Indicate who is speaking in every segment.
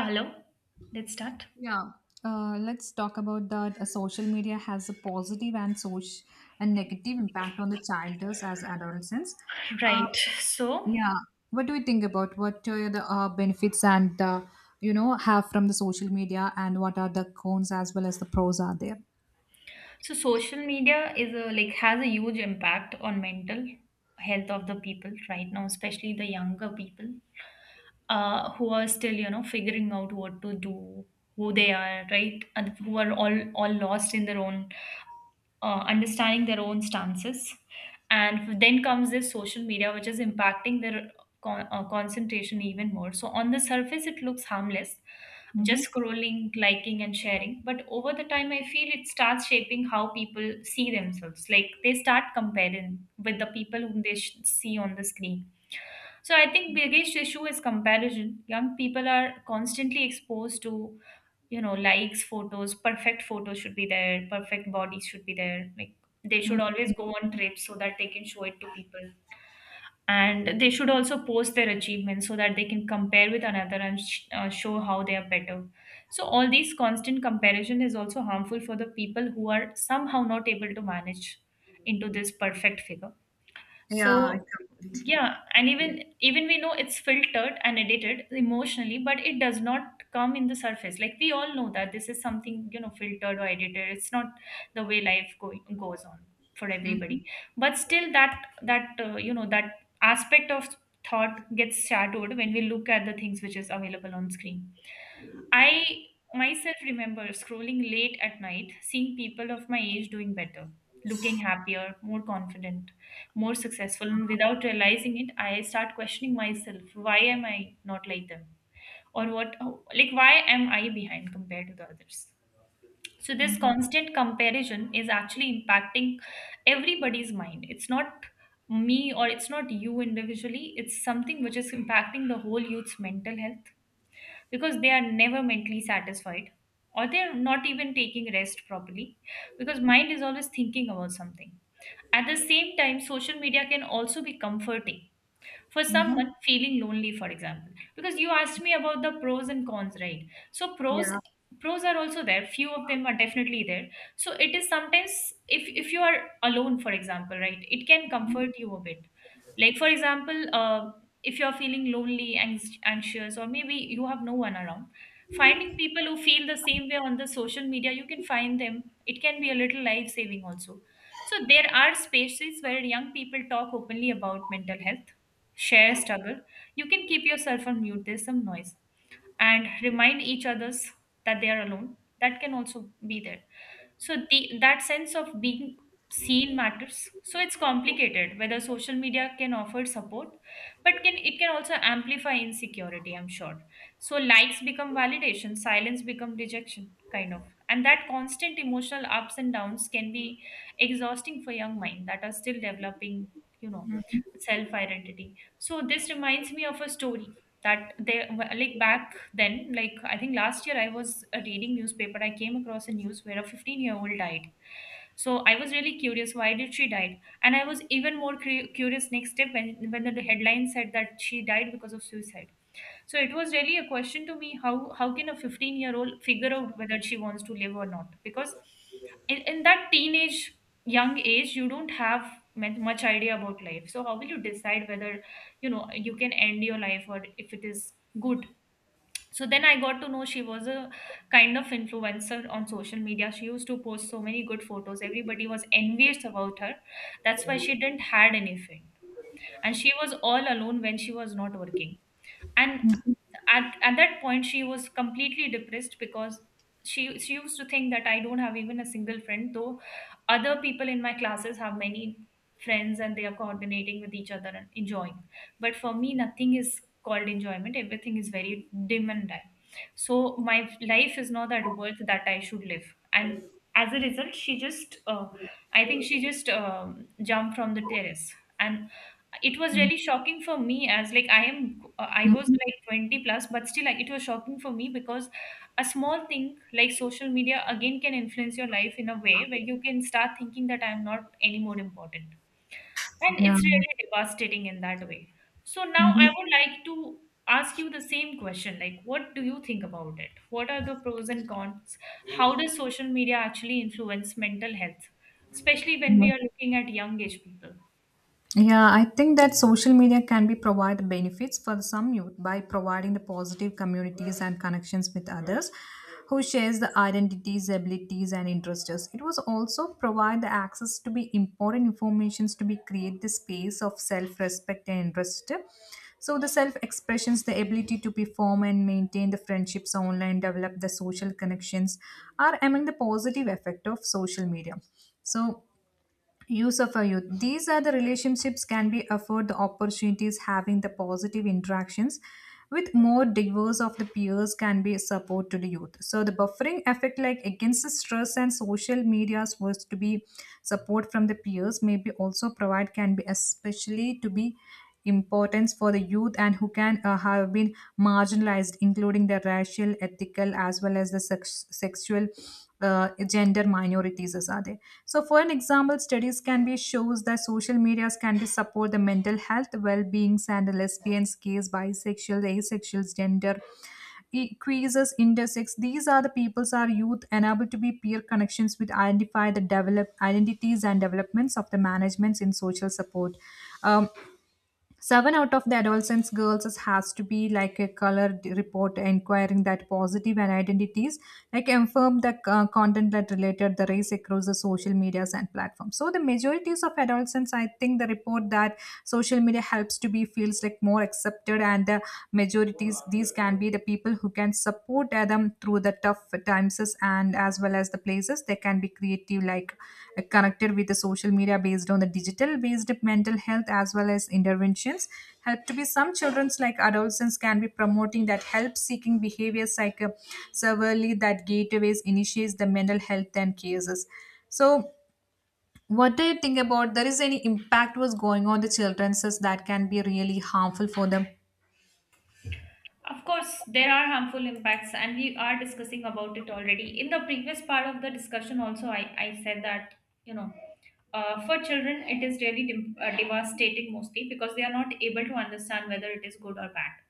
Speaker 1: Hello, let's start.
Speaker 2: Yeah, let's talk about that. Social media has a positive and social and negative impact on the childers as adolescents. Uh,
Speaker 1: Right. So,
Speaker 2: yeah, what do you think about what are the benefits and uh, have from the social media, and what are the cons as well as the pros are there?
Speaker 1: so social media is a like has a huge impact on mental health of the people right now, especially the younger people. Who are still figuring out what to do, who they are, right, and who are all lost in their own understanding their own stances, and then comes this social media which is impacting their concentration even more. So on the surface it looks harmless,
Speaker 2: Mm-hmm.
Speaker 1: just scrolling, liking and sharing, but over the time I feel it starts shaping how people see themselves. Like, they start comparing with the people whom they see on the screen. So I think biggest issue is comparison. Young people are constantly exposed to, likes, photos, perfect photos should be there, perfect bodies should be there. Like, they should always go on trips so that they can show it to people. And they should also post their achievements so that they can compare with another and show how they are better. So all these constant comparison is also harmful for the people who are somehow not able to manage into this perfect figure.
Speaker 2: Yeah, I
Speaker 1: So
Speaker 2: completely.
Speaker 1: yeah, and even we know it's filtered and edited emotionally, but it does not come in the surface. Like, we all know that this is something, filtered or edited. It's not the way life goes on for
Speaker 2: Mm-hmm.
Speaker 1: everybody, but still, that that aspect of thought gets shadowed when we look at the things which is available on screen. I myself remember scrolling late at night, seeing people of my age doing better, looking happier, more confident, more successful, and without realizing it, I start questioning myself, why am I not like them? Or what, like, why am I behind compared to the others? So this
Speaker 2: Mm-hmm.
Speaker 1: constant comparison is actually impacting everybody's mind. It's not me or it's not you individually, it's something which is impacting the whole youth's mental health, because they are never mentally satisfied, or they're not even taking rest properly, because mind is always thinking about something. At the same time, social media can also be comforting for
Speaker 2: Mm-hmm.
Speaker 1: someone feeling lonely, for example, because you asked me about the pros and cons, right? So pros
Speaker 2: Yeah.
Speaker 1: pros are also there, few of them are definitely there. So it is sometimes, if you are alone, for example, right, it can comfort you a bit. Like, for example, if you're feeling lonely, anxious, or maybe you have no one around, finding people who feel the same way on the social media, you can find them. It can be a little life saving also. So there are spaces where young people talk openly about mental health, share struggle. You can keep yourself on mute, there's some noise, and remind each others that they are alone, that can also be there. So that sense of being seen matters. So it's complicated whether social media can offer support, but can it, can also amplify insecurity, I'm sure. So likes become validation, silence become rejection, kind of. And that constant emotional ups and downs can be exhausting for young mind that are still developing, you know, self identity. So this reminds me of a story, that they, like, back then, like, I think last year I was reading newspaper. I came across a news where a 15-year-old died. So I was really curious, why did she died? And I was even more curious next step when the headline said that she died because of suicide. So it was really a question to me, how can a 15-year-old figure out whether she wants to live or not? Because in that teenage young age you don't have much idea about life, so how will you decide whether, you know, you can end your life or if it is good. So then I got to know she was a kind of influencer on social media. She used to post so many good photos. Everybody was envious about her. That's why she didn't had any friend. And she was all alone when she was not working. And
Speaker 2: Mm-hmm.
Speaker 1: at that point she was completely depressed, because she used to think that I don't have even a single friend, though other people in my classes have many friends and they are coordinating with each other and enjoying, but for me nothing is called enjoyment, everything is very dim and dim. So my life is not that worth that I should live. And as a result she just I think she just jumped from the terrace. And it was really shocking for me, as like I was
Speaker 2: Mm-hmm.
Speaker 1: like 20 plus, but still, like, it was shocking for me, because a small thing like social media again can influence your life in a way where you can start thinking that I'm not any more important. And
Speaker 2: Yeah.
Speaker 1: it's really devastating in that way. So now
Speaker 2: Mm-hmm.
Speaker 1: I would like to ask you the same question, like, what do you think about it? What are the pros and cons? How does social media actually influence mental health, especially when
Speaker 2: Mm-hmm.
Speaker 1: we are looking at young age people?
Speaker 2: Yeah, I think that social media can be provide benefits for some youth by providing the positive communities and connections with others who shares the identities, abilities and interests. It was also provide the access to be important informations to be create the space of self-respect and interest. So the self-expressions, the ability to perform and maintain the friendships online, develop the social connections are among the positive effect of social media. So use of a youth these are the relationships can be afford the opportunities having the positive interactions with more diverse of the peers can be support to the youth so the buffering effect like against the stress and social medias was to be support from the peers may be also provide can be especially to be importance for the youth and who can have been marginalized including the racial ethical as well as the sexual gender minorities as are there. So, for an example, studies can be shows that social medias can be support the mental health, well-being, and the lesbians, gays, bisexual, asexuals, gender queers, intersex. These are the peoples are youth unable to be peer connections with identify the develop identities and developments of the managements in social support. Um, 7 out of the adolescents girls has to be like a color report inquiring that positive and identities like inform the content that related the race across the social medias and platforms. So the majorities of adolescents, I think the report that social media helps to be feels like more accepted and the majorities these can be the people who can support who tear them through the tough times and as well as the places they can be creative like connected with the social media based on the digital based mental health as well as interventions help to be some children's like adolescents can be promoting that help seeking behaviors like severely that gateways initiates the mental health and cases so what do you think about there is any impact was going on the children's is that can be really harmful for them?
Speaker 1: Of course, there are harmful impacts, and we are discussing about it already. In the previous part of the discussion, also, I said that, you know, for children, it is really devastating, mostly because they are not able to understand whether it is good or bad.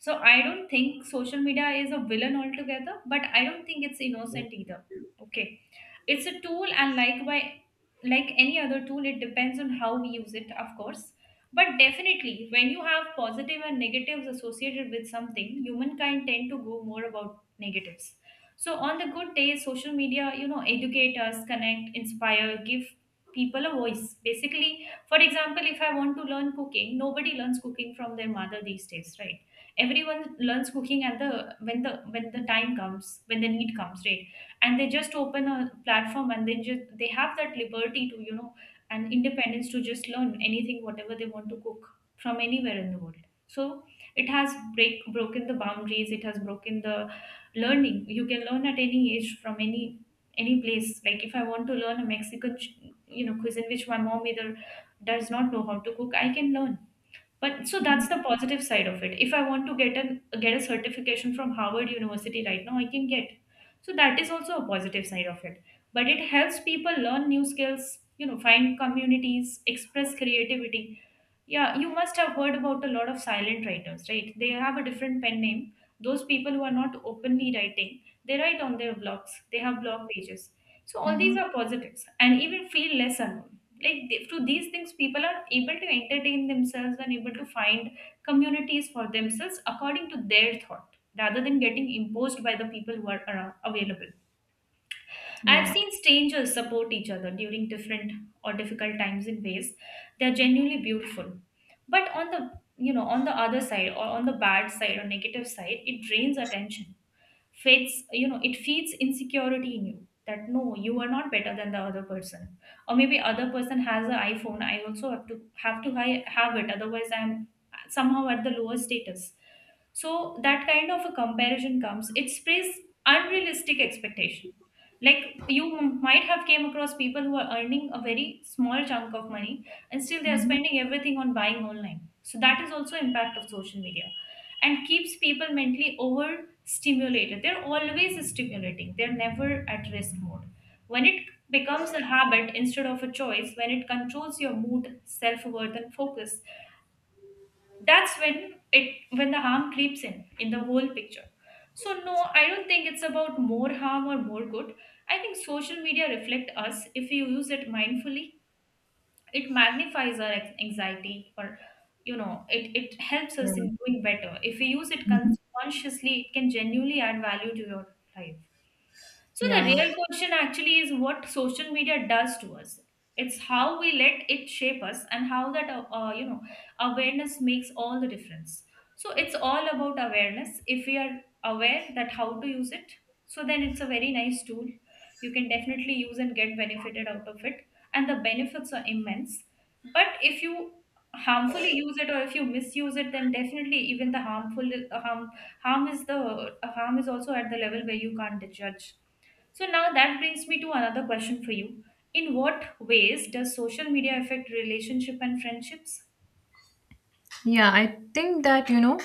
Speaker 1: So I don't think social media is a villain altogether, but I don't think it's innocent either. Okay. It's a tool, and like by like any other tool, it depends on how we use it, of course. But definitely, when you have positive and negatives associated with something, humankind tend to go more about negatives. So on the good days, social media, you know, educate us, connect, inspire, give people a voice. Basically, for example, if I want to learn cooking, nobody learns cooking from their mother these days, right? Everyone learns cooking at the when the when the time comes, when the need comes, right? And they just open a platform, and they have that liberty to, and independence, to just learn anything whatever they want to cook from anywhere in the world. So it has break broken the boundaries, it has broken the learning. You can learn at any age from any place. Like, if I want to learn a Mexican cuisine which my mom either does not know how to cook, I can learn. But so that's the positive side of it. If I want to get a certification from Harvard University right now, I can get. So that is also a positive side of it. But it helps people learn new skills, you know, find communities, express creativity. Yeah, you must have heard about a lot of silent writers, right? They have a different pen name. Those people who are not openly writing, they write on their blogs. They have blog pages. So all these
Speaker 2: Mm-hmm.
Speaker 1: are positives, and even feel less alone. Like, through these things, people are able to entertain themselves and able to find communities for themselves according to their thought, rather than getting imposed by the people who are around, available. I've
Speaker 2: Yeah.
Speaker 1: seen strangers support each other during different or difficult times in ways they are genuinely beautiful. But on the other side, or on the bad side or negative side, it drains attention, fits you know it feeds insecurity in you, that no, you are not better than the other person, or maybe other person has an iPhone, I also have to have it, otherwise I'm somehow at the lower status. So that kind of a comparison comes, it sprays unrealistic expectation. Like, you might have came across people who are earning a very small chunk of money, and still they are
Speaker 2: Mm-hmm.
Speaker 1: spending everything on buying online. So that is also impact of social media, and keeps people mentally overstimulated. They're always stimulating, they're never at rest mode. When it becomes a habit instead of a choice, when it controls your mood, self worth, and focus, that's when it, when the harm creeps in the whole picture. So no, I don't think it's about more harm or more good. I think social media reflect us. If you use it mindfully, it magnifies our anxiety, or it helps
Speaker 2: Yeah.
Speaker 1: us in doing better if we use it
Speaker 2: Mm-hmm.
Speaker 1: consciously. It can genuinely add value to your life. So the
Speaker 2: Yeah.
Speaker 1: real question actually is what social media does to us. It's how we let it shape us, and how that awareness makes all the difference. So it's all about awareness. If we are aware that how to use it, so then it's a very nice tool. You can definitely use and get benefited out of it, and the benefits are immense. But if you harmfully use it or if you misuse it, then definitely even the harm harm is the harm is also at the level where you can't judge. So now that brings me to another question for you. In what ways does social media affect relationship and friendships?
Speaker 2: Yeah, I think that, you know,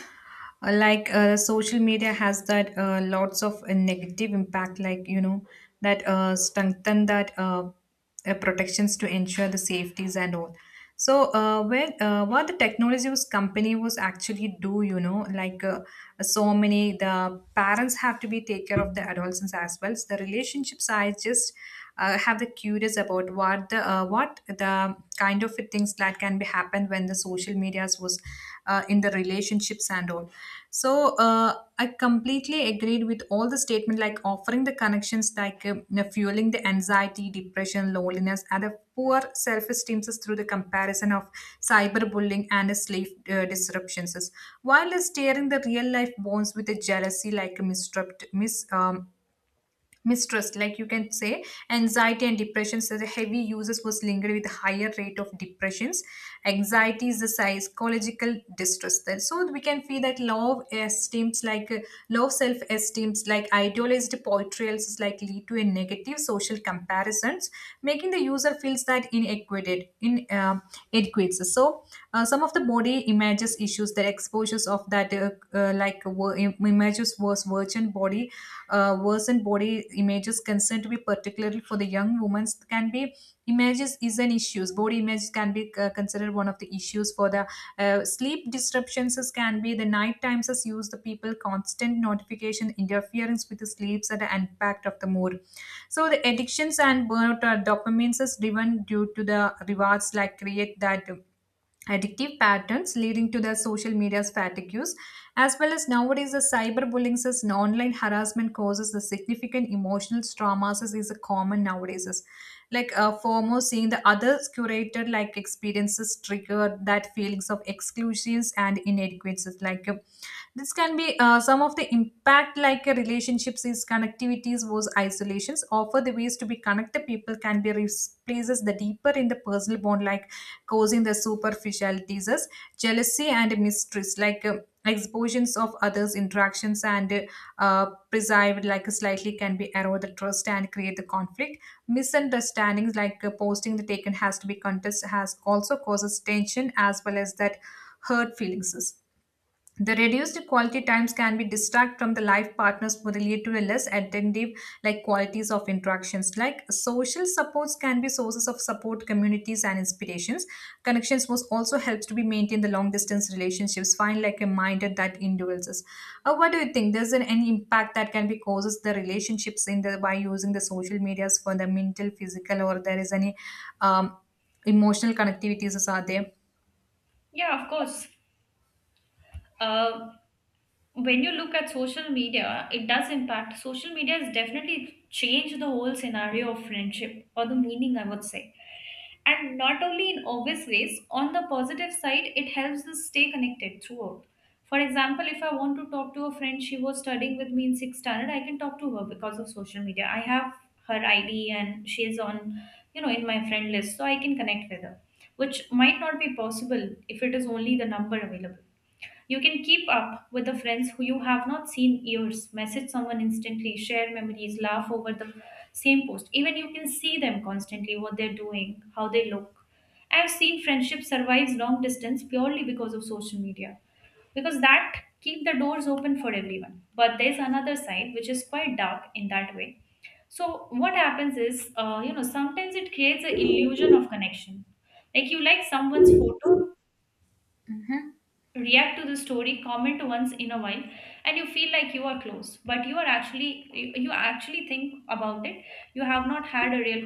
Speaker 2: social media has that lots of negative impact, like, you know, that strengthen that protections to ensure the safeties and all. So, when what the technology was company was actually do, you know, so many the parents have to be take care of the adolescents as well. So the relationship size just have the curious about what the kind of things that can be happened when the social medias was in the relationships and all so uh, I completely agreed with all the statement like offering the connections like you know, fueling the anxiety depression loneliness and the poor self-esteem is through the comparison of cyberbullying and the slave disruptions while steering the real life bonds with the jealousy like mistrust um, mistrust like you can say anxiety and depression so the heavy users was linked with higher rate of depressions anxiety is the psychological distress there so we can feel that low esteems like low self esteems like idealized portrayals is like lead to a negative social comparisons making the user feels that inadequate in adequate so some of the body images issues the exposures of that images was virgin body images concerned to be particularly for the young women can be images is an issues. Body images can be considered one of the issues for the sleep disruptions is can be the night times as use the people constant notification interference with the sleeps and the impact of the mood. So the addictions and burnout are dopamines is driven due to the rewards like create that addictive patterns leading to the social media's fatigue as well as nowadays, the cyberbullying says and online harassment causes the significant emotional traumas is a common nowadays. Is like foremost seeing the others curated like experiences trigger that feelings of exclusions and inadequacies. This can be some of the impact like relationships is connectivities was isolations offer the ways to be connected people can be replaces the deeper in the personal bond like causing the superficial diseases, jealousy and mistrust, like expositions of others' interactions and uh, perceived like slightly can be erode the trust and create the conflict. Misunderstandings like posting the taken has to be contest has also causes tension as well as that hurt feelings. The reduced quality times can be distract from the life partners would lead to a less attentive like qualities of interactions. Like social supports can be sources of support, communities and inspirations. Connections was also helps to be maintained the long distance relationships. Find like a minder that endures. What do you think? There's an, any impact that can be causes the relationships in the by using the social medias for the mental, physical, or there is any um, emotional connectivities are there?
Speaker 1: Yeah, of course. Uh, when you look at social media, it does impact. Social media has definitely changed the whole scenario of friendship, or the meaning, I would say. And not only in obvious ways, on the positive side, it helps us stay connected throughout. For example, if I want to talk to a friend, she was studying with me in sixth standard, I can talk to her because of social media. I have her ID and she is on, you know, in my friend list, so I can connect with her, which might not be possible if it is only the number available. You can keep up with the friends who you have not seen years, message someone instantly, share memories, laugh over the same post. Even you can see them constantly, what they're doing, how they look. I've seen friendship survives long distance purely because of social media, because that keep the doors open for everyone. But there's another side which is quite dark in that way. So what happens is, sometimes it creates an illusion of connection. Like, you like someone's photo, react to the story, comment once in a while, and you feel like you are close, but you are actually, you actually think about it, you have not had a real